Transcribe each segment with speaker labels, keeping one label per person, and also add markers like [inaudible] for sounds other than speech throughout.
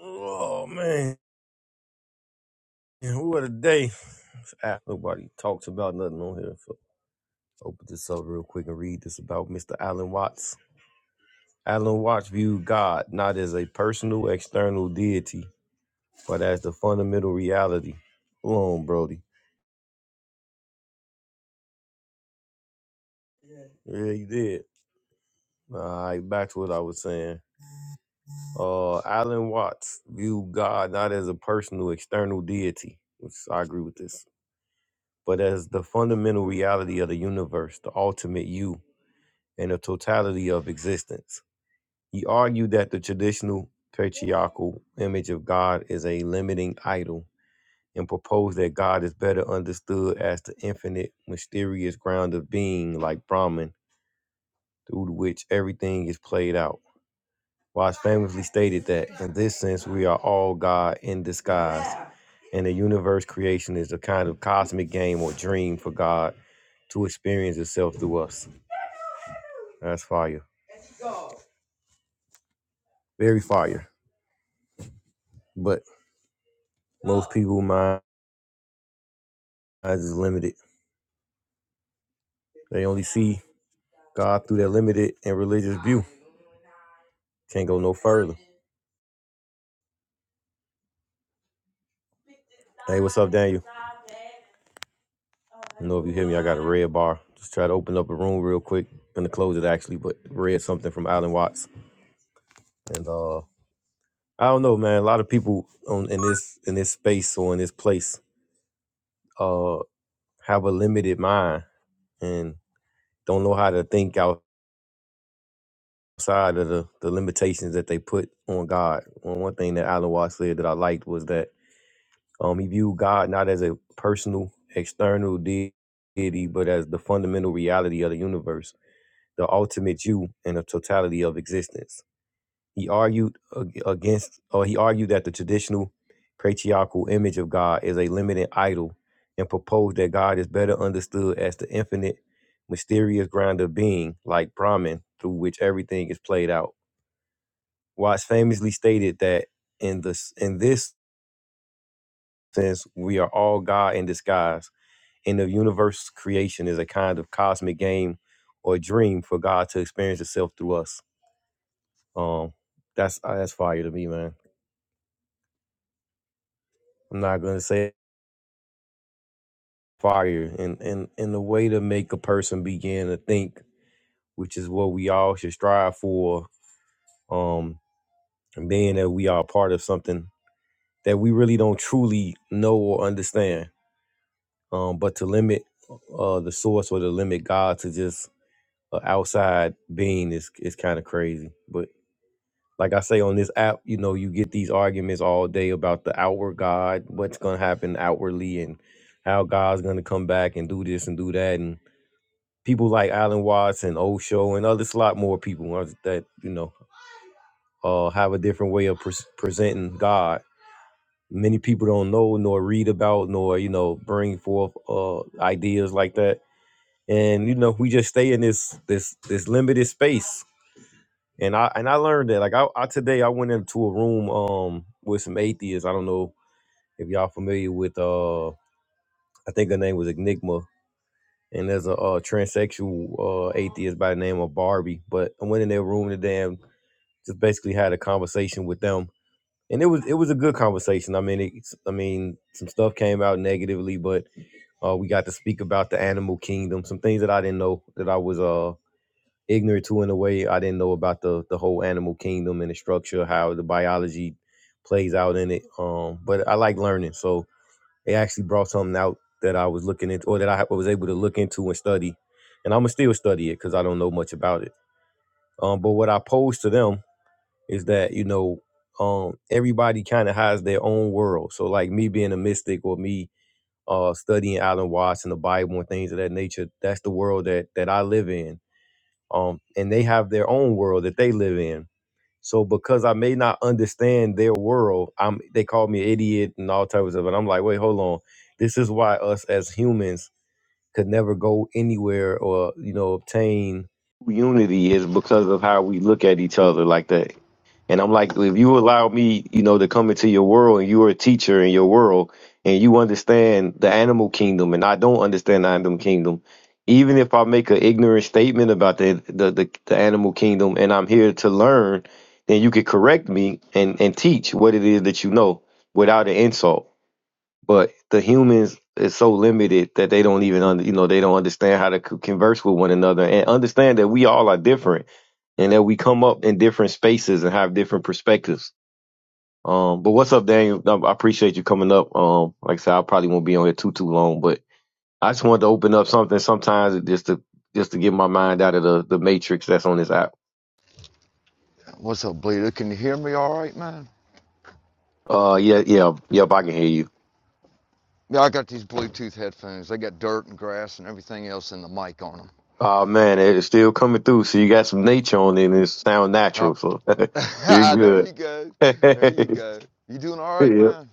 Speaker 1: Oh man, what a day! This app, Nobody talks about nothing on here. So open this up real quick and read this about Mr. Alan Watts. Alan Watts viewed God not as a personal external deity, but as the fundamental reality. Hold on, Brody. Yeah, you did. All right, back to what I was saying. Uh, Alan Watts viewed God not as a personal external deity, which I agree with this, but as the fundamental reality of the universe, the ultimate you. and the totality of existence. He argued that the traditional patriarchal image of God is a limiting idol and proposed that God is better understood as the infinite, mysterious ground of being like Brahman through which everything is played out. Watts famously stated that in this sense we are all God in disguise, and the universe creation is a kind of cosmic game or dream for God to experience itself through us. That's fire. Very fire. But most people mind Eyes is limited. They only see God through their limited and religious view. Can't go no further. Hey, what's up, Daniel? I know if you hear me, I got a red bar. Just try to open up a room real quick. Gonna close it actually, but read something from Alan Watts. And uh I don't know, man. A lot of people on in this in this space or in this place uh have a limited mind and don't know how to think outside of the, the limitations that they put on God. One one thing that Alan Watts said that I liked was that Um, he viewed God not as a personal, external deity, but as the fundamental reality of the universe, the ultimate you and the totality of existence. He argued ag- against, or he argued that the traditional patriarchal image of God is a limited idol and proposed that God is better understood as the infinite, mysterious ground of being, like Brahman, through which everything is played out. Watts famously stated that in this, in this sense, we are all God in disguise and the universe creation is a kind of cosmic game or dream for God to experience itself through us. Um, that's uh, that's fire to me, man. I'm not gonna say fire, and and and the way to make a person begin to think, which is what we all should strive for. Um, and being that we are part of something that we really don't truly know or understand. Um, but to limit uh the source or to limit God to just an outside being is is kind of crazy. But like I say on this app, you know, you get these arguments all day about the outward God, what's gonna happen outwardly, and how God's gonna come back and do this and do that, and people like Alan Watts and Osho and others, a lot more people uh, that you know uh, have a different way of pres presenting God. Many people don't know nor read about nor you know bring forth uh, ideas like that, and you know we just stay in this this this limited space and I and I learned that like I, I today I went into a room um with some atheists. I don't know if y'all familiar with uh I think her name was Enigma and there's a, uh transsexual uh atheist by the name of Barbie. But I went in their room today and just basically had a conversation with them. And it was it was a good conversation. I mean it's I mean some stuff came out negatively, but uh, we got to speak about the animal kingdom, some things that I didn't know that I was uh ignorant to in a way. I didn't know about the the whole animal kingdom and the structure, how the biology plays out in it. Um, but I like learning, so they actually brought something out that I was looking into, or that I was able to look into and study. And I'm gonna still study it because I don't know much about it. Um, but what I pose to them is that you know, um, everybody kind of has their own world. So like me being a mystic or me uh, studying Alan Watts and the Bible and things of that nature, that's the world that that I live in um, and they have their own world that they live in. So because I may not understand their world, I'm they call me an idiot and all types of stuff. And I'm like, wait, hold on. This is why us as humans could never go anywhere or you know obtain unity is because of how we look at each other like that and i'm like if you allow me you know to come into your world and you're a teacher in your world and you understand the animal kingdom and i don't understand the animal kingdom even if i make an ignorant statement about the the, the, the animal kingdom and i'm here to learn then you could correct me and and teach what it is that you know without an insult but the humans is so limited that they don't even under, you know they don't understand how to co- converse with one another and understand that we all are different and that we come up in different spaces and have different perspectives um but what's up daniel i I appreciate you coming up um like i said i probably won't be on here too too long but i just wanted to open up something sometimes just to just to get my mind out of the the matrix that's on this app
Speaker 2: What's up, Bleeder? Can you hear me all right, man?
Speaker 1: uh yeah yeah yep i can hear you
Speaker 2: Yeah, I got these Bluetooth headphones. They got dirt and grass and everything else in the mic on them.
Speaker 1: oh man it's still coming through so you got some nature on it and it sound natural so [laughs] you're
Speaker 2: Oh. [laughs] there
Speaker 1: good
Speaker 2: you go.
Speaker 1: [laughs] yeah,
Speaker 2: There you go. You doing all right,
Speaker 1: yeah,
Speaker 2: man?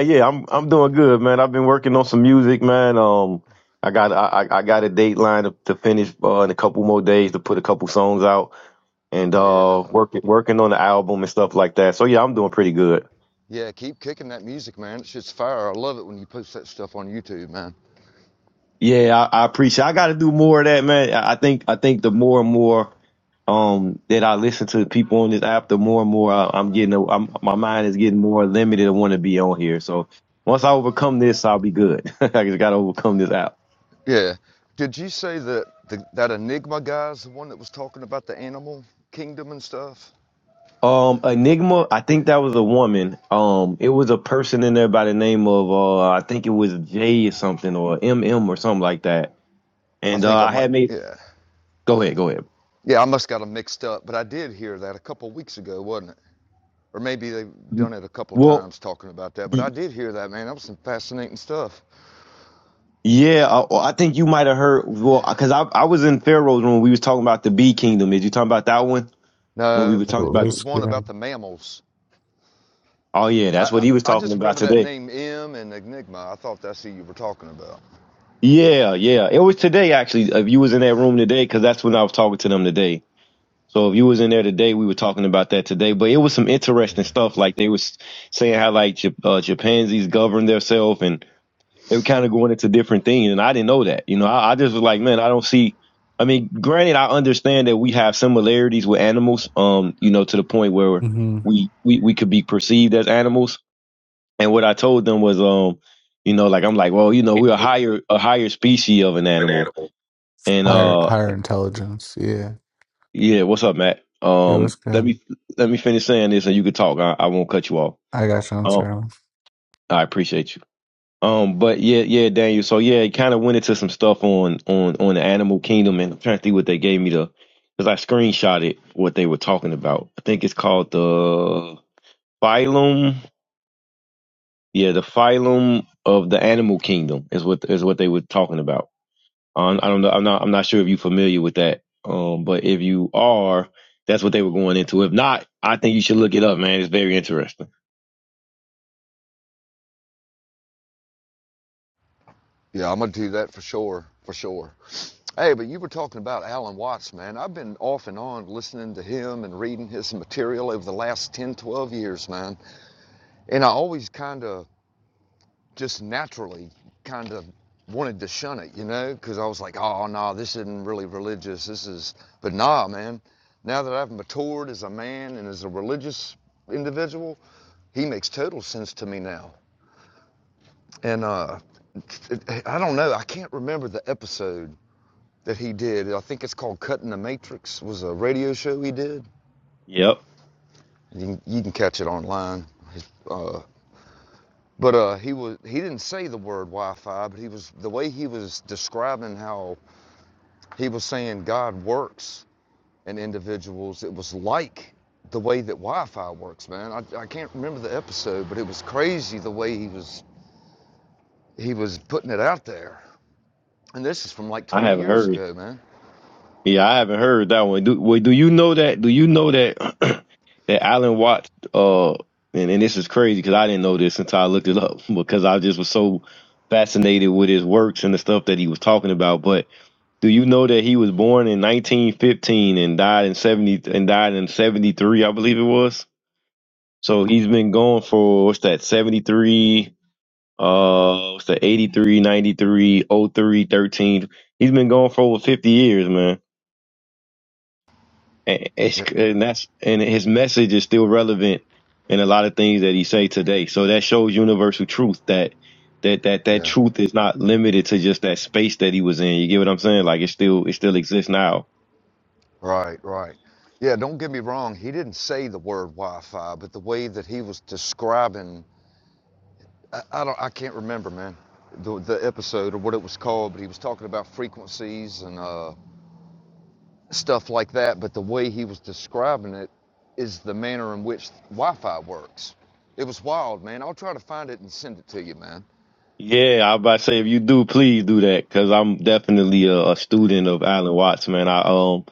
Speaker 1: yeah. I'm I'm doing good, man. I've been working on some music, man. Um, I got I I I got a dateline to, to finish uh, in a couple more days to put a couple songs out and
Speaker 2: Yeah.
Speaker 1: uh working working on the album and stuff like that. So yeah, I'm doing pretty good.
Speaker 2: Yeah, keep kicking that music, man. It's just fire. I love it when you post that stuff on YouTube, man.
Speaker 1: Yeah, I, I appreciate. I got to do more of that, man. I I think I think the more and more um that I listen to people on this app, the more and more I, I'm getting a, I'm, my mind is getting more limited. I want to be on here. So once I overcome this, I'll be good. [laughs] I just got to overcome this app.
Speaker 2: Yeah. Did you say that the, that Enigma guy's the one that was talking about the animal kingdom and stuff?
Speaker 1: Um, Enigma, I think that was a woman. Um, it was a person in there by the name of uh, I think it was J or something or M M or something like that.
Speaker 2: I
Speaker 1: And uh,
Speaker 2: think I
Speaker 1: I had
Speaker 2: might,
Speaker 1: made.
Speaker 2: yeah.
Speaker 1: Go ahead, go ahead.
Speaker 2: Yeah, I must got them mixed up, but I did hear that a couple weeks ago, wasn't it? or maybe they've done it a couple
Speaker 1: Well,
Speaker 2: times talking about that. But
Speaker 1: y-
Speaker 2: I did hear that, man. That was some fascinating stuff.
Speaker 1: yeah, I, well, I think you might have heard. Well, because I I was in Pharaoh's when we was talking about the Bee Kingdom. Is you talking about that one when we
Speaker 2: No,
Speaker 1: were talking
Speaker 3: Oh,
Speaker 2: it
Speaker 1: about?
Speaker 2: was
Speaker 3: That's
Speaker 2: one about
Speaker 3: good.
Speaker 2: the mammals.
Speaker 1: oh yeah,
Speaker 2: I,
Speaker 1: that's what
Speaker 2: I,
Speaker 1: he was talking
Speaker 2: just
Speaker 1: about
Speaker 2: remember that
Speaker 1: today.
Speaker 2: name, M and Enigma. I thought that's who you were talking about.
Speaker 1: Yeah, yeah, it was today actually. If you was in that room today, because that's when I was talking to them today. So if you was in there today, we were talking about that today. But it was some
Speaker 2: Yeah.
Speaker 1: interesting stuff. Like they was saying how like Jap- uh, chimpanzees govern themselves, and they were kind of going into different things. And I didn't know that. You know, I, I just was like, man, I don't see. I mean, granted, I understand that we have similarities with animals. Um, you know, to the point where
Speaker 3: Mm-hmm.
Speaker 1: we we we could be perceived as animals. And what I told them was, um, you know, like I'm like, well, you know, we're a higher a higher species of an
Speaker 3: An
Speaker 1: animal,
Speaker 3: animal.
Speaker 1: and
Speaker 3: Higher,
Speaker 1: uh.
Speaker 3: higher intelligence. Yeah.
Speaker 1: Yeah, what's up, Matt?
Speaker 3: It
Speaker 1: Um,
Speaker 3: was
Speaker 1: let
Speaker 3: good.
Speaker 1: me let me finish saying this, and you can talk. I, I won't cut you off.
Speaker 3: I got you. I'm
Speaker 1: Um,
Speaker 3: sorry.
Speaker 1: I appreciate you. Um, but yeah, yeah, Daniel. So yeah, it kind of went into some stuff on on on the Animal Kingdom, and I'm trying to think what they gave me to, because I screenshotted what they were talking about. I think it's called the phylum. Yeah, the phylum of the Animal Kingdom is what is what they were talking about. Um, I don't know. I'm not. I'm not sure if you're familiar with that. Um, but if you are, that's what they were going into. If not, I think you should look it up, man. It's very interesting.
Speaker 2: Yeah, I'm going to do that for sure. For sure. Hey, but you were talking about Alan Watts, man. I've been off and on listening to him and reading his material over the last 10, 12 years, man. And I always kind of just naturally kind of wanted to shun it, you know, because I was like, oh, no, this isn't really religious. This is, but nah, man, now that I've matured as a man and as a religious individual, he makes total sense to me now. And uh, it, I don't know, I can't remember the episode that he did. I think it's called Cutting the Matrix, was a radio show he did.
Speaker 1: Yep,
Speaker 2: You can, you can catch it online. uh, but uh, he was he didn't say the word Wi-Fi, but he was the way he was describing how he was saying God works in individuals. It was like the way that Wi-Fi works, man. I, I can't remember the episode, but it was crazy the way he was he was putting it out there. And this is from like
Speaker 1: I
Speaker 2: 20
Speaker 1: haven't
Speaker 2: years
Speaker 1: heard.
Speaker 2: ago, man.
Speaker 1: Yeah, I haven't heard that one. Do well, do you know that? Do you know that [clears throat] that Alan Watts? Uh, and, and this is crazy because I didn't know this until I looked it up [laughs] because I just was so fascinated with his works and the stuff that he was talking about. But do you know that he was born in 1915 and died in 70 and died in 73? I believe it was. So he's been going for what's that 73 uh what's that eighty three, thirteen. He's been going for over 50 years, man. And, it's,
Speaker 2: Yeah,
Speaker 1: and that's and his message is still relevant in a lot of things that he say today. So that shows universal truth that that that that
Speaker 2: yeah,
Speaker 1: truth is not limited to just that space that he was in. You get what I'm saying? Like it still it still exists now.
Speaker 2: right, right. Yeah, don't get me wrong. He didn't say the word Wi-Fi, but the way that he was describing, I, I don't, I can't remember, man. The, the episode or what it was called, but he was talking about frequencies and uh, stuff like that. But the way he was describing it is the manner in which Wi-Fi works. It was wild, man. I'll try to find it and send it to you, man.
Speaker 1: Yeah, I was about to say if you do, please do that because I'm definitely a, a student of Alan Watts, man. I um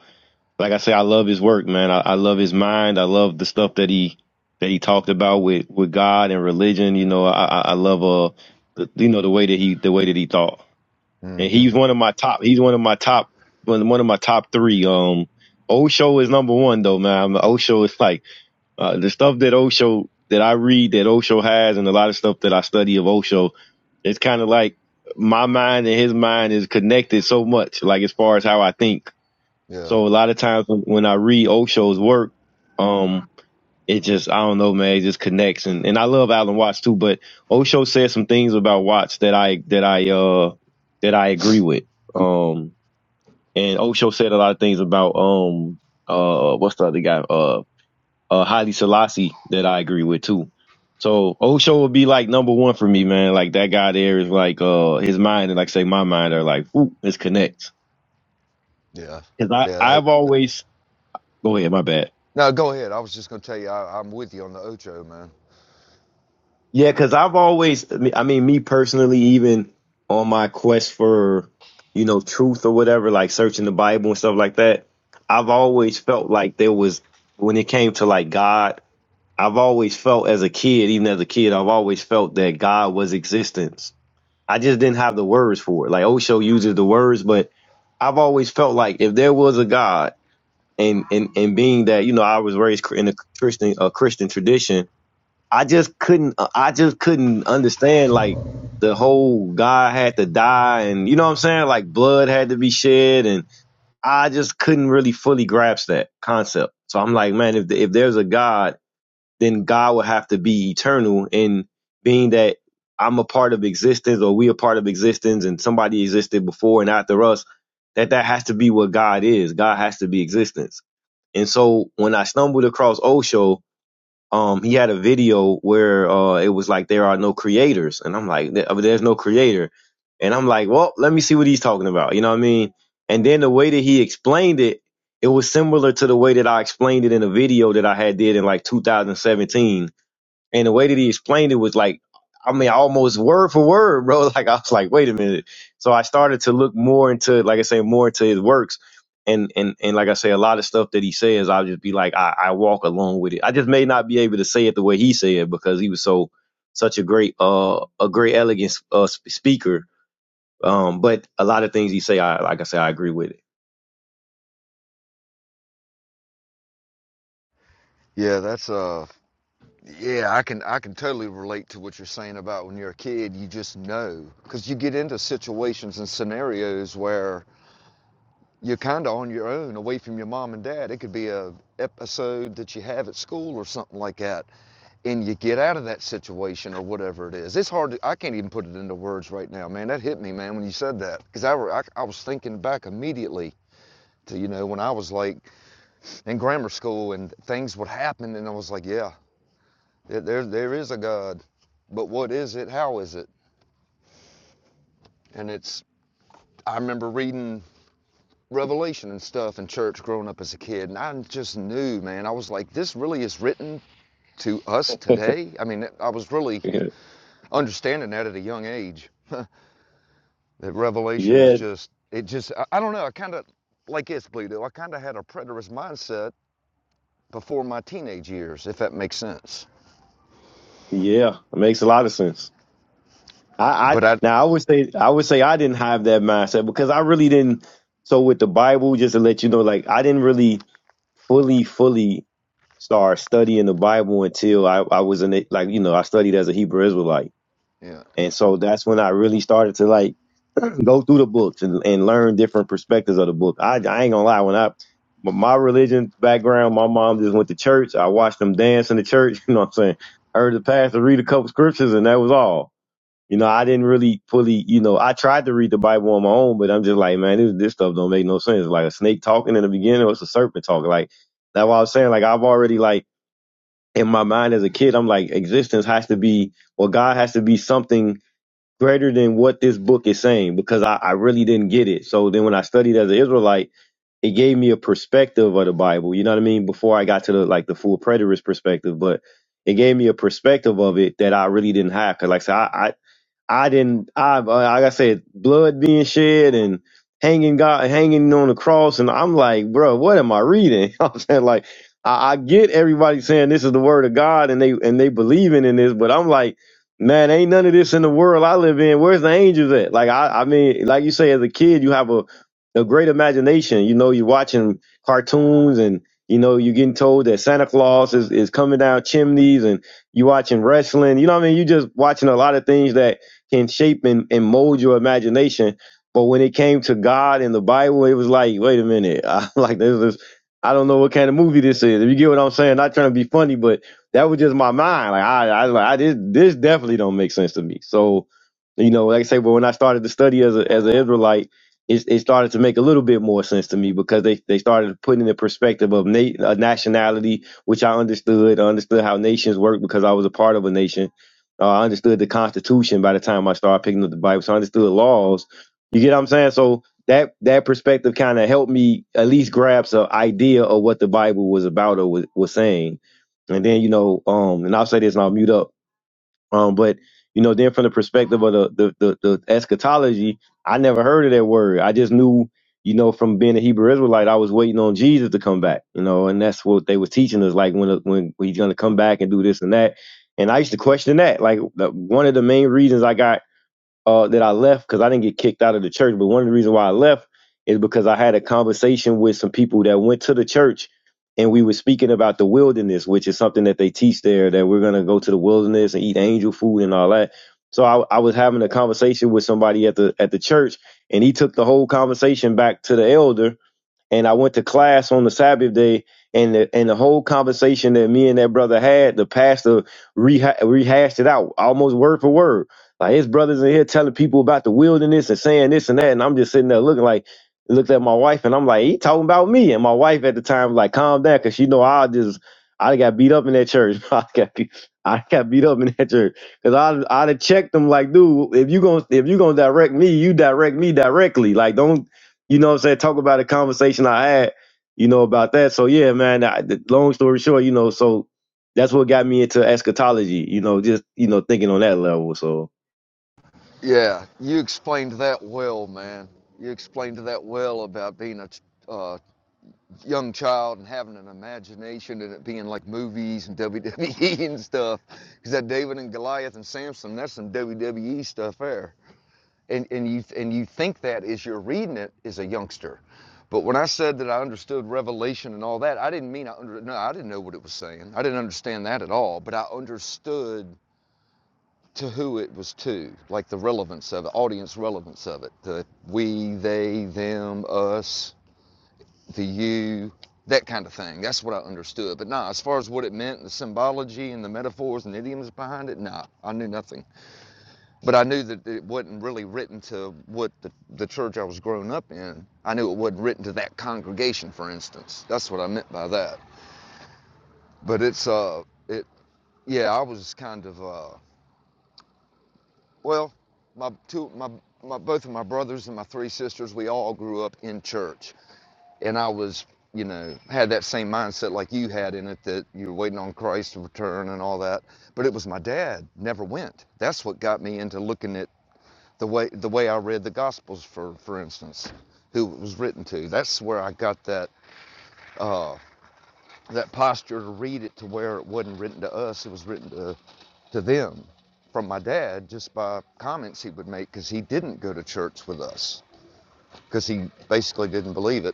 Speaker 1: like I say, I love his work, man. I, I love his mind. I love the stuff that he that he talked about with with God and religion. You know, I I I love uh the, you know the way that he the way that he thought, and
Speaker 2: Mm-hmm.
Speaker 1: he's one of my top. He's one of my top one one of my top three. Um, Osho is number one though, man. Osho is like uh, the stuff that Osho that I read that Osho has, and a lot of stuff that I study of Osho. It's kind of like my mind and his mind is connected so much, like as far as how I think
Speaker 2: Yeah.
Speaker 1: so a lot of times when, when I read Ocho's work, um, it just I don't know, man, it just connects. And and I love Alan Watts too, but Osho said some things about Watts that I that I uh that I agree with. Um, and Osho said a lot of things about um uh what's the other guy uh uh Haile Selassie that I agree with too. So Osho would be like number one for me, man. Like that guy there is like uh his mind and like say my mind are like ooh, this connects.
Speaker 2: Yeah.
Speaker 1: Cause I
Speaker 2: Yeah.
Speaker 1: I've always go ahead, my bad.
Speaker 2: No, go ahead. I was just gonna tell you, I, I'm with you on the Ocho, man.
Speaker 1: Yeah, because I've always, I mean, I mean, me personally, even on my quest for, you know, truth or whatever, like searching the Bible and stuff like that, I've always felt like there was, when it came to like God, I've always felt as a kid, even as a kid, I've always felt that God was existence. I just didn't have the words for it. Like Osho uses the words, but I've always felt like if there was a God, and and and being that you know I was raised in a Christian a Christian tradition I just couldn't uh, I just couldn't understand like the whole God had to die and you know what I'm saying like blood had to be shed and I just couldn't really fully grasp that concept. So I'm like, man, if if there's a God, then God would have to be eternal and being that I'm a part of existence or we a part of existence and somebody existed before and after us, that that has to be what God is. God has to be existence. And so when I stumbled across Osho, um he had a video where uh it was like there are no creators and i'm like "There- uh, there's no creator and i'm like well let me see what he's talking about you know what i mean and then the way that he explained it it was similar to the way that i explained it in a video that i had did in like 2017 and the way that he explained it was like, I mean, almost word for word, bro. [laughs] Like I was like, wait a minute. So I started to look more into, like I say, more into his works. And, and, and like I say, a lot of stuff that he says, I'll just be like, I, I walk along with it. I just may not be able to say it the way he said because he was so, such a great, uh, a great elegant, uh, sp- speaker. Um, but a lot of things he say, I, like I say, I agree with
Speaker 2: Yeah, that's uh, yeah, I can I can totally relate to what you're saying about when you're a kid. You just know because you get into situations and scenarios where you're kind of on your own away from your mom and dad. It could be a episode that you have at school or something like that. And you get out of that situation or whatever it is. It's hard to, I can't even put it into words right now, man. That hit me, man, when you said that. Because I, were- I, I was thinking back immediately to, you know, when I was like in grammar school and things would happen. And I was like, yeah, there there is a God. But what is it? How is it? And it's, I remember reading revelation and stuff in church growing up as a kid and i just knew man i was like this really is written to us
Speaker 1: it.
Speaker 2: today i mean i was really
Speaker 1: [laughs]
Speaker 2: understanding that at a young age that revelation was
Speaker 1: yeah.
Speaker 2: just it just i, I don't know i kind of like it's Bleedo, i kind of had a preterist mindset before my teenage years if that makes sense
Speaker 1: Yeah. It makes a lot of sense. I, I
Speaker 2: but i
Speaker 1: now I would say I would say I didn't have that mindset because I really didn't. So with the Bible, just to let you know, like I didn't really fully fully start studying the Bible until I I was in it. Like you know, I studied as a Hebrew Israelite,
Speaker 2: yeah
Speaker 1: and so that's when I really started to like [clears throat] go through the books and, and learn different perspectives of the book. I I ain't gonna lie, when I my my religion background, my mom just went to church. I watched them dance in the church. [laughs] You know what I'm saying? Heard the pastor read a couple scriptures, and that was all. You know, I didn't really fully, you know, I tried to read the Bible on my own, but I'm just like, man, this, this stuff don't make no sense. It's like a snake talking in the beginning or it's a serpent talking. Like, that's what I was saying. Like, I've already, like, in my mind as a kid, I'm like, existence has to be, or God has to be something greater than what this book is saying because I, I really didn't get it. So then when I studied as an Israelite, it gave me a perspective of the Bible. You know what I mean? Before I got to the, like, the full preterist perspective, but it gave me a perspective of it that I really didn't have. Cause like I said, I, I didn't. I uh, like I said, blood being shed and hanging God hanging on the cross, and I'm like, bro, what am I reading? [laughs] I'm saying like, I, I get everybody saying this is the word of God, and they and they believing in this, but I'm like, man, ain't none of this in the world I live in. Where's the angels at? Like I, I mean, like you say, as a kid, you have a a great imagination. You know, you're watching cartoons and. You know, you're getting told that Santa Claus is, is coming down chimneys and you watching wrestling. You know what I mean? You just watching a lot of things that can shape and, and mold your imagination. But when it came to God and the Bible, it was like, wait a minute, [laughs] I, like this is, I don't know what kind of movie this is. If you get what I'm saying, not trying to be funny, but that was just my mind. Like I, I, was like, I this, this definitely don't make sense to me. So, you know, like I say, but when I started to study as a, as an Israelite, it, it started to make a little bit more sense to me because they, they started putting in the perspective of na- uh, nationality, which I understood. I understood how nations work because I was a part of a nation uh, I understood the Constitution by the time I started picking up the Bible, so I understood laws. You get what I'm saying? So that that perspective kind of helped me at least grasp an idea of what the Bible was about or was, was saying. And then you know, um, and I'll say this and I'll mute up um, but you know, then from the perspective of the the, the the eschatology, I never heard of that word. I just knew, you know, from being a Hebrew Israelite, I was waiting on Jesus to come back. You know, and that's what they was teaching us, like when uh, when he's gonna come back and do this and that. And I used to question that. Like the, one of the main reasons I got uh, that I left because I didn't get kicked out of the church. But one of the reasons why I left is because I had a conversation with some people that went to the church and we were speaking about the wilderness, which is something that they teach there that we're going to go to the wilderness and eat angel food and all that. So I, I was having a conversation with somebody at the at the church and he took the whole conversation back to the elder and I went to class on the Sabbath day, and the and the whole conversation that me and that brother had, the pastor reha- rehashed it out almost word for word. Like his brothers in here telling people about the wilderness and saying this and that, and I'm just sitting there looking like looked at my wife, and I'm like, he talking about me, and my wife at the time was like, calm down, cause she know I just I done got beat up in that church. [laughs] I got beat, I got beat up in that church. Cause I I'd have checked them like, dude, if you gonna if you gonna direct me, you direct me directly. Like don't you know what I'm saying? Talk about a conversation I had, you know, about that. So yeah, man, I, the, long story short, you know, so that's what got me into eschatology, you know, just, you know, thinking on that level. So
Speaker 2: yeah you explained that well man you explained that well about being a uh, young child and having an imagination and it being like movies and [laughs] WWE and stuff. Because that David and Goliath and Samson, that's some WWE stuff there. And and you and you think that as you're reading it as a youngster. But when I said that I understood Revelation and all that, I didn't mean I under, no, I didn't know what it was saying. I didn't understand that at all. But I understood to who it was to, like the relevance of it, audience relevance of it, the we, they, them, us the you, that kind of thing. That's what I understood. But nah, as far as what it meant, the symbology and the metaphors and idioms behind it, nah, I knew nothing. But I knew that it wasn't really written to what the, the church I was growing up in. I knew it wasn't written to that congregation, for instance. That's what I meant by that. But it's uh, it yeah, I was kind of uh, well, my two my my both of my brothers and my three sisters, we all grew up in church and I was, you know, had that same mindset like you had in it that you're waiting on Christ to return and all that. But it was my dad never went. That's what got me into looking at the way the way I read the Gospels, for for instance, who it was written to. That's where I got that that posture to read it to where it wasn't written to us. It was written to to them from my dad just by comments he would make because he didn't go to church with us because he basically didn't believe it.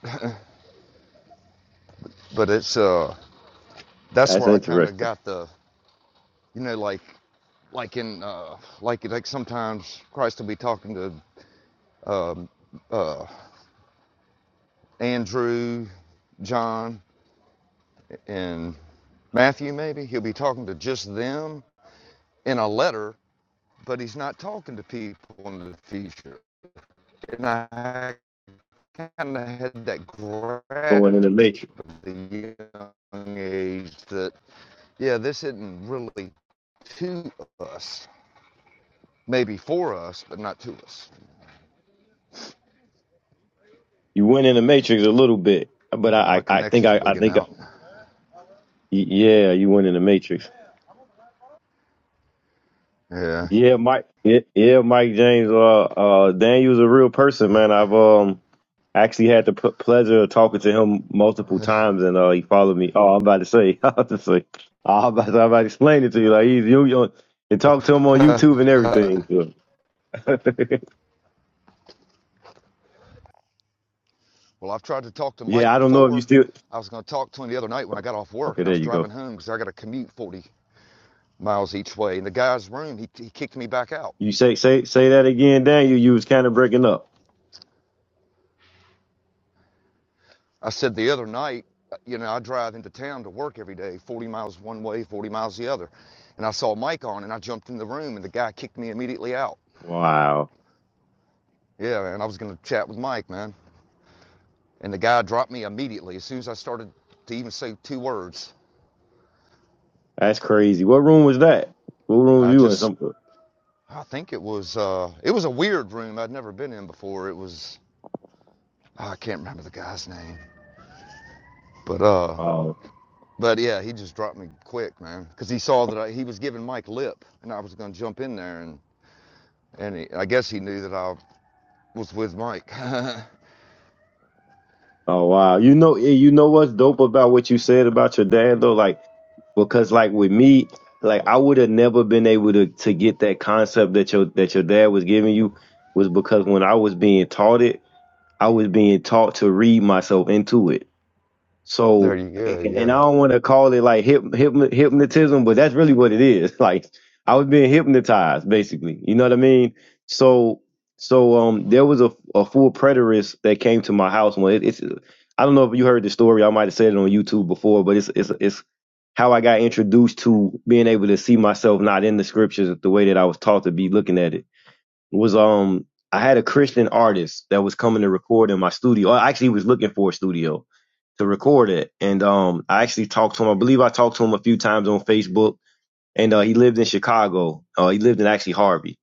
Speaker 2: [laughs] but it's uh that's
Speaker 1: that's
Speaker 2: where I kind of
Speaker 1: interesting.
Speaker 2: got the you know, like like in uh, like like sometimes Christ will be talking to Andrew, John, and Matthew. Maybe he'll be talking to just them in a letter, but he's not talking to people in the future. And I kind of had that grasp
Speaker 1: Going in the matrix.
Speaker 2: of the young age that yeah, this isn't really to us. Maybe for us, but not to us.
Speaker 1: You went in the matrix a little bit, but
Speaker 2: Yeah, my
Speaker 1: I, I, I think
Speaker 2: connection's
Speaker 1: I, I
Speaker 2: wigging
Speaker 1: think, I,
Speaker 2: out.
Speaker 1: y- yeah, you went in the matrix.
Speaker 2: Yeah.
Speaker 1: Yeah, Mike. Yeah, yeah, Mike James. Uh, uh, Daniel's a real person, man. I've um actually had the p- pleasure of talking to him multiple times, and uh, he followed me. Oh, I'm about to say, [laughs] I'm about to say, I'm about to, I'm about to explain it to you. Like he's you, you and talk to him on YouTube and everything. So. [laughs]
Speaker 2: Well, I've tried to talk to Mike
Speaker 1: yeah, I don't know if you
Speaker 2: before.
Speaker 1: still.
Speaker 2: I was going to talk to him the other night when I got off work
Speaker 1: Okay,
Speaker 2: and I
Speaker 1: there
Speaker 2: was
Speaker 1: you
Speaker 2: driving
Speaker 1: go.
Speaker 2: home because I got to commute 40 miles each way. In the guy's room, he, he kicked me back out.
Speaker 1: You say say say that again, Daniel. You was kind of breaking up.
Speaker 2: I said the other night, uh, you know, I drive into town to work every day, 40 miles one way, 40 miles the other. And I saw Mike on and I jumped in the room and the guy kicked me immediately out.
Speaker 1: Wow,
Speaker 2: Yeah, man, I was going to chat with Mike, man. And the guy dropped me immediately as soon as I started to even say two words.
Speaker 1: that's crazy. What room was that? What room were
Speaker 2: I
Speaker 1: you in?
Speaker 2: just,
Speaker 1: Some.
Speaker 2: I think it was, uh, it was a weird room I'd never been in before. It was, Oh, I can't remember the guy's name, but uh,
Speaker 1: oh,
Speaker 2: but yeah, he just dropped me quick, man, because he saw that I, he was giving Mike lip, and I was gonna jump in there, and and he, I guess he knew that I was with Mike. [laughs]
Speaker 1: Oh wow. You know eh, you know what's dope about what you said about your dad though? Like because like with me, like I would have never been able to to get that concept that your that your dad was giving you was because when I was being taught it, I was being taught to read myself into it.
Speaker 2: there
Speaker 1: So,
Speaker 2: you go,
Speaker 1: and and I
Speaker 2: yeah.
Speaker 1: don't want to call it like hyp, hyp, hypnotism, but that's really what it is. [laughs] Like I was being hypnotized, basically. You know what I mean? So, so um, there was a a full preterist that came to my house. When it, it's, I don't know if you heard the story. I might have said it on YouTube before, but it's it's it's how I got introduced to being able to see myself not in the scriptures the way that I was taught to be looking at it was um I had a Christian artist that was coming to record in my studio. I actually was looking for a studio to record it, and um I actually talked to him. I believe I talked to him a few times on Facebook, and uh, he lived in Chicago. Uh, he lived in actually Harvey,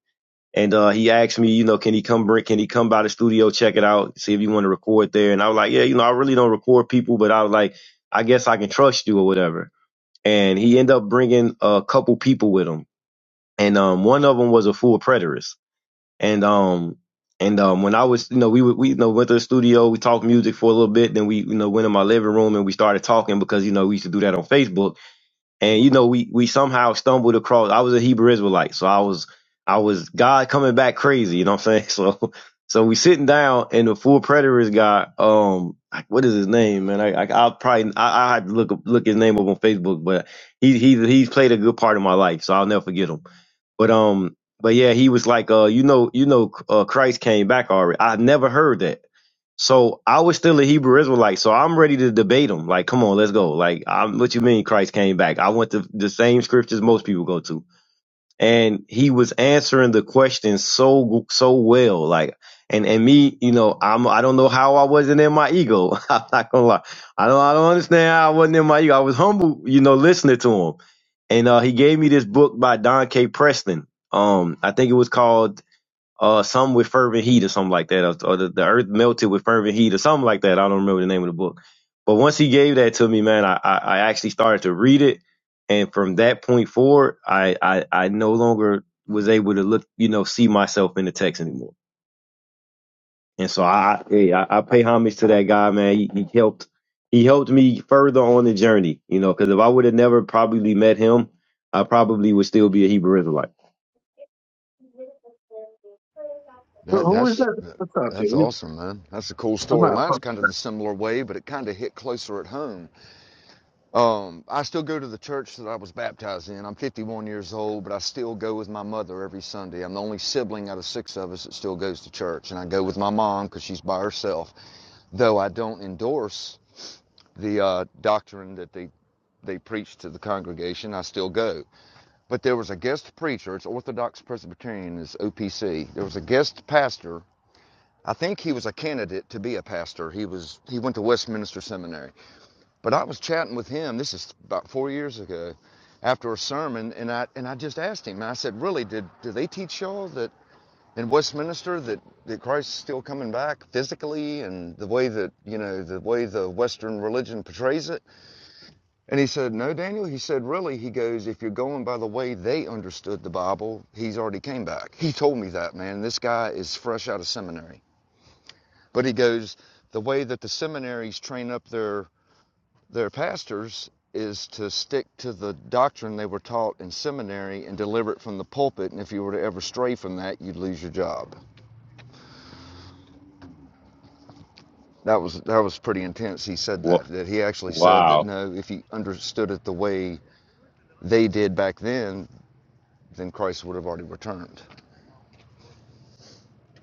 Speaker 1: and uh, he asked me, you know, can he come bring? Can he come by the studio, check it out, see if you want to record there? And I was like, yeah, you know, I really don't record people, but I was like, I guess I can trust you or whatever. And he ended up bringing a couple people with him, and um one of them was a full preterist and um and um when I was you know we would we you know went to the studio, we talked music for a little bit, then we you know went in my living room and we started talking because you know we used to do that on Facebook. And you know we we somehow stumbled across I was a Hebrew Israelite, so I was I was God coming back crazy, you know what I'm saying? [laughs] So so we sitting down and the full preterist guy, um like, what is his name, man? I I I'll probably I I had to look up- look his name up on Facebook, but he he he's played a good part in my life, so I'll never forget him but um, but yeah, he was like, uh, you know, you know, uh, Christ came back already. I never heard that. So I was still a Hebrew Israelite. So I'm ready to debate him. Like, come on, let's go. Like, I'm, what you mean Christ came back? I went to the same scriptures most people go to and he was answering the question so so well like and and me you know i'm i don't know how i wasn't in my ego [laughs] i'm not gonna lie i don't i don't understand how i wasn't in my ego i was humble you know listening to him and uh he gave me this book by don k preston um i think it was called uh, some with fervent heat or something like that, or, or the, the earth melted with fervent heat or something like that. I don't remember the name of the book, but once he gave that to me, man, I, I, I actually started to read it, and from that point forward, I, I, I no longer was able to look, you know, see myself in the text anymore. And so I, hey, I, I pay homage to that guy, man. He, he helped, he helped me further on the journey, you know, because if I would have never probably met him, I probably would still be a Hebrew Israelite.
Speaker 2: That that's that's awesome, man. That's a cool story. Mine's kind of the similar way, but it kind of hit closer at home Um, I still go to the church that I was baptized in. I'm 51 years old, but I still go with my mother every Sunday. I'm the only sibling out of six of us that still goes to church, and I go with my mom because she's by herself. Though I don't endorse the uh, doctrine that they they preach to the congregation, I still go. But there was a guest preacher. It's Orthodox Presbyterian. It's OPC. There was a guest pastor. I think he was a candidate to be a pastor. He was he went to Westminster Seminary but I was chatting with him, this is about four years ago, after a sermon, and I, and I just asked him, I said, really, did, did they teach y'all that in Westminster that, that Christ's still coming back physically and the way that, you know, the way the Western religion portrays it? And he said, no, Daniel. He said, really, he goes, if you're going by the way they understood the Bible, he's already came back. He told me that, man. This guy is fresh out of seminary. But he goes, the way that the seminaries train up their their pastors is to stick to the doctrine they were taught in seminary and deliver it from the pulpit. And if you were to ever stray from that, you'd lose your job. That was that was pretty intense. He said
Speaker 1: Wha-
Speaker 2: that that he actually said that
Speaker 1: Wow.
Speaker 2: no, if you understood it the way they did back then, then Christ would have already returned.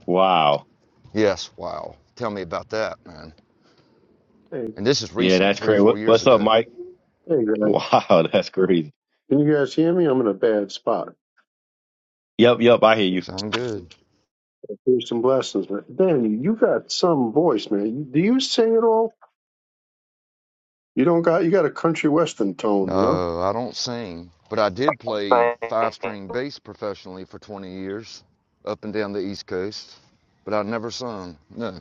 Speaker 1: Wow.
Speaker 2: Yes, wow. Tell me about that, man. And this is
Speaker 1: Yeah,
Speaker 2: recent,
Speaker 1: that's
Speaker 2: three
Speaker 1: crazy.
Speaker 2: four
Speaker 1: What,
Speaker 2: years
Speaker 1: what's up,
Speaker 2: ago.
Speaker 1: Mike? [laughs]
Speaker 4: Hey guys,
Speaker 1: Wow, that's crazy.
Speaker 4: can you guys hear me? I'm in a bad spot.
Speaker 1: Yep, yep, I hear you.
Speaker 2: Sound good.
Speaker 4: Here's some blessings, man. Danny, you got some voice, man. You- Do you sing at all? You don't got. You got a country western tone, you know.
Speaker 2: No, I don't sing, but I did play five string bass professionally for 20 years up and down the East Coast, but I never sung. No.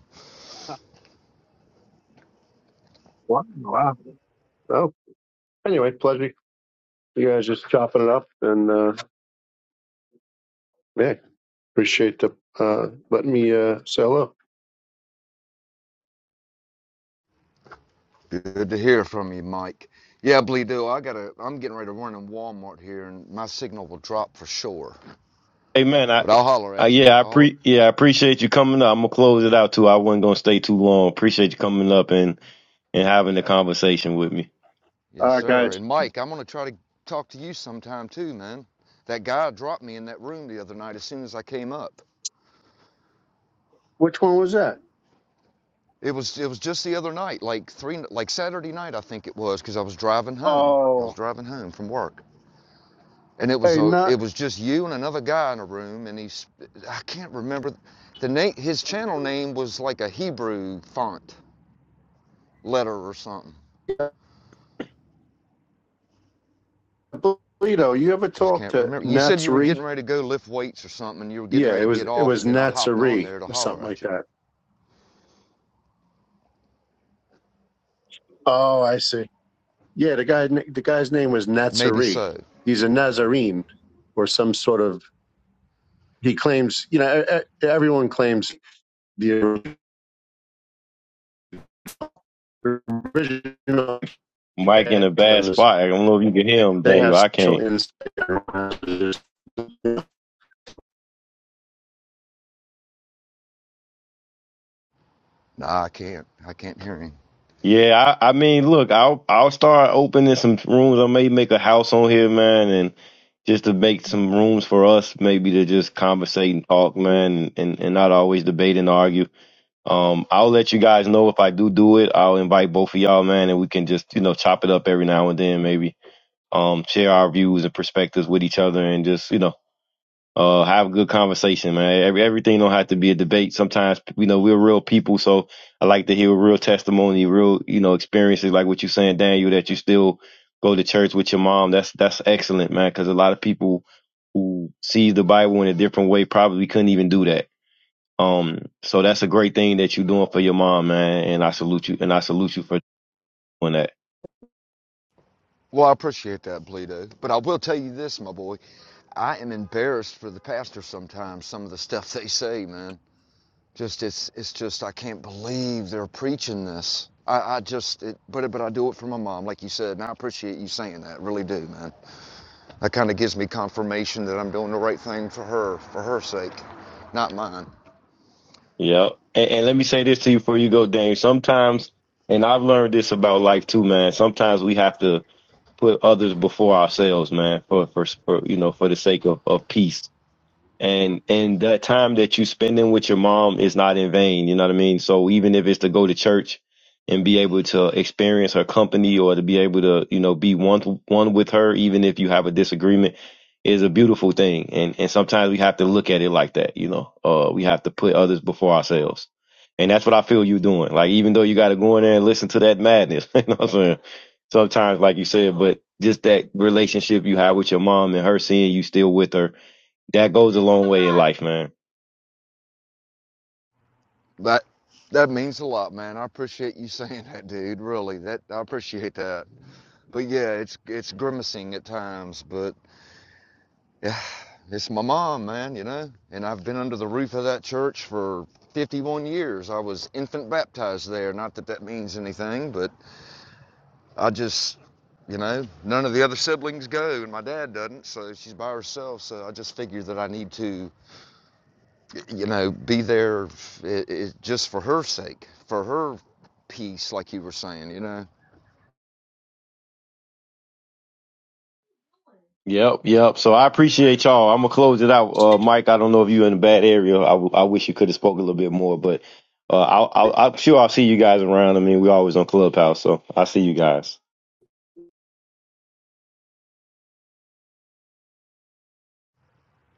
Speaker 4: Wow. wow. Well, anyway, pleasure. You guys just chopping it up, and uh, yeah, appreciate the uh, letting me uh, say hello.
Speaker 2: Good to hear from you, Mike. Yeah, Bleedo, I gotta I'm getting ready to run in Walmart here and my signal will drop for sure.
Speaker 1: Hey, man, I,
Speaker 2: But I'll holler
Speaker 1: I
Speaker 2: at you.
Speaker 1: yeah, I
Speaker 2: I'll holler
Speaker 1: pre yeah, I appreciate you coming up. I'm gonna close it out too. I wasn't gonna stay too long. Appreciate you coming up and and having the conversation with me.
Speaker 4: All
Speaker 2: Yes,
Speaker 4: right,
Speaker 2: sir.
Speaker 4: guys.
Speaker 2: And Mike, I'm gonna try to talk to you sometime too, man. That guy dropped me in that room the other night as soon as I came up.
Speaker 4: Which one was that?
Speaker 2: It was it was just the other night, like three, like Saturday night, I think it was, because I was driving home. I was
Speaker 4: Oh,
Speaker 2: driving home from work, and it was
Speaker 4: Hey,
Speaker 2: a it
Speaker 4: not
Speaker 2: was just you and another guy in a room, and he's I can't remember the name. His channel name was like a Hebrew font letter or something.
Speaker 4: Polito. You
Speaker 2: I
Speaker 4: ever
Speaker 2: just
Speaker 4: talk
Speaker 2: can't
Speaker 4: to
Speaker 2: remember. You said you were
Speaker 4: Natsuri?
Speaker 2: getting ready to go lift weights or something, and you were getting
Speaker 4: Yeah,
Speaker 2: ready
Speaker 4: it
Speaker 2: to
Speaker 4: was
Speaker 2: get
Speaker 4: it
Speaker 2: off,
Speaker 4: was
Speaker 2: and then I hopped on
Speaker 4: Natsuri
Speaker 2: there to
Speaker 4: or something
Speaker 2: holler at
Speaker 4: like
Speaker 2: you.
Speaker 4: that. Oh, I see. Yeah, the guy the guy's name was
Speaker 2: Maybe
Speaker 4: Nazari.
Speaker 2: so.
Speaker 4: He's a Nazarene or some sort of he claims, you know, e- e- everyone claims the original
Speaker 1: Mike in a bad
Speaker 4: customs
Speaker 1: spot. I don't know if you can hear him,
Speaker 4: they
Speaker 1: Daniel.
Speaker 4: have
Speaker 1: I
Speaker 4: special
Speaker 1: can't.
Speaker 4: insight.
Speaker 2: Nah, I can't. I can't hear him.
Speaker 1: Yeah, I, I mean, look, I'll I'll start opening some rooms. I may make a house on here, man, and just to make some rooms for us, maybe to just conversate and talk, man, and and not always debate and argue. Um, I'll let you guys know if I do do it. I'll invite both of y'all, man, and we can just you know chop it up every now and then, maybe. Um, share our views and perspectives with each other, and just you know, uh, have a good conversation, man. Every everything don't have to be a debate. Sometimes you know we're real people, so I like to hear real testimony, real you know experiences, like what you are saying, Daniel, that you still go to church with your mom. That's that's excellent, man, because a lot of people who see the Bible in a different way probably couldn't even do that um, so that's a great thing that you're doing for your mom, man. And I salute you. And I salute you for doing that.
Speaker 2: Well, I appreciate that, Bleedo. But I will tell you this, my boy. I am embarrassed for the pastor sometimes, some of the stuff they say, man. Just it's it's just I can't believe they're preaching this. I, I just it, but but I do it for my mom, like you said, and I appreciate you saying that. Really do, man. That kind of gives me confirmation that I'm doing the right thing for her, for her sake, not mine.
Speaker 1: Yep. And, and let me say this to you before you go, Dame. Sometimes, and I've learned this about life too, man. Sometimes we have to put others before ourselves, man, for for, for you know, for the sake of, of peace and and that time that you spending with your mom is not in vain you know what i mean so even if it's to go to church and be able to experience her company or to be able to you know be one one with her even if you have a disagreement is a beautiful thing and and sometimes we have to look at it like that you know uh we have to put others before ourselves and that's what i feel you doing like even though you got to go in there and listen to that madness [laughs] you know what i'm saying sometimes like you said but just that relationship you have with your mom and her seeing you still with her that goes a long way in life, man.
Speaker 2: That that means a lot, man. I appreciate you [laughs] saying that, dude. Really, that I appreciate that. But yeah, it's it's grimacing at times, but [sighs] It's my mom, man, you know, and I've been under the roof of that church for 51 years. I was infant baptized there. Not that that means anything, but I just, you know, none of the other siblings go, and my dad doesn't, so she's by herself. So I just figured that I need to, you know, be there i i just for her sake, for her peace, like you were saying, you know.
Speaker 1: Yep, yep. So I appreciate y'all. I'm gonna close it out, uh, Mike. I don't know if you're in a bad area. I, w- I wish you could have spoke a little bit more, but uh, I'll, I'll, I'm sure I'll see you guys around. I mean, we always on Clubhouse, so I'll see you guys.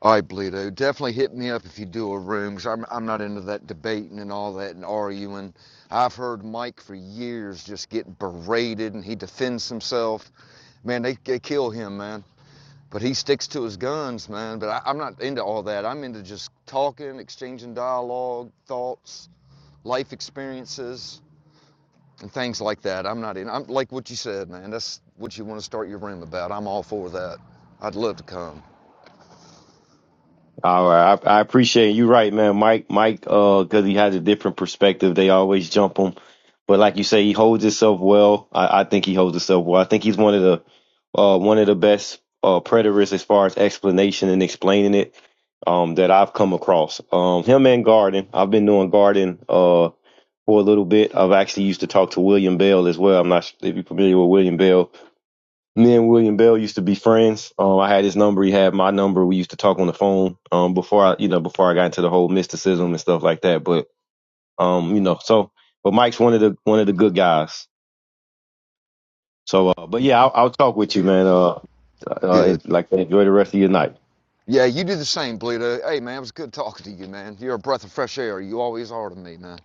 Speaker 2: All right, Bleedo, definitely hit me up if you do a room, 'cause I'm, I'm not into that debating and all that and arguing. I've heard Mike for years just get berated and he defends himself. Man, they, they kill him, man. But he sticks to his guns, man. But I, I'm not into all that. I'm into just talking, exchanging dialogue, thoughts, life experiences, and things like that. I'm not in. I'm like what you said, man. That's what you want to start your room about. I'm all for that. I'd love to come.
Speaker 1: All right, I, I appreciate you. Right, man, Mike. Mike, uh, because he has a different perspective, they always jump him. But like you say, he holds himself well. I, I think he holds himself well. I think he's one of the uh, one of the best uh, predators as far as explanation and explaining it um, that I've come across. Um, him and Garden. I've been doing Garden uh, for a little bit. I've actually used to talk to William Bell as well. I'm not sure if you're familiar with William Bell me and William Bell used to be friends. Um, I had his number. He had my number. We used to talk on the phone. Um, before I, you know, before I got into the whole mysticism and stuff like that. But um, you know, so but Mike's one of the one of the good guys. So, uh, but yeah, I'll, I'll talk with you, man. Uh, uh, and,
Speaker 2: Good.
Speaker 1: like enjoy the rest of your night.
Speaker 2: Yeah, you do the same, Bleeder. Hey, man, it was good talking to you, man. You're a breath of fresh air. You always are to me, man.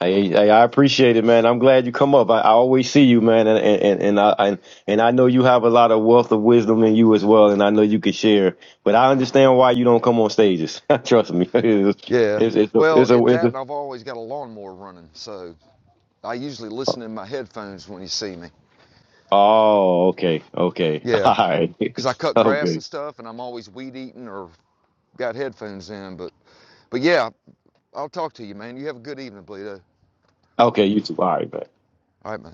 Speaker 1: Hey, hey, I appreciate it, man. I'm glad you come up. I, I always see you, man, and and and I and, and I know you have a lot of wealth of wisdom in you as well, and I know you can share. But I understand why you don't come on stages. [laughs] Trust me, [laughs] it's
Speaker 2: Yeah.
Speaker 1: it's it's a
Speaker 2: Well,
Speaker 1: it's
Speaker 2: at
Speaker 1: a, it's
Speaker 2: that,
Speaker 1: a
Speaker 2: and I've always got a lawnmower running, so I usually listen in my headphones when you see me.
Speaker 1: Oh, okay, okay, [laughs]
Speaker 2: Yeah,
Speaker 1: all right.
Speaker 2: 'cause I
Speaker 1: [laughs]
Speaker 2: cut
Speaker 1: Oh,
Speaker 2: grass and
Speaker 1: good.
Speaker 2: stuff, and I'm always weed eating or got headphones in. But, but yeah, I'll talk to you, man. You have a good evening, Bleeder.
Speaker 1: Okay, you too. All right, man.
Speaker 2: All right, man.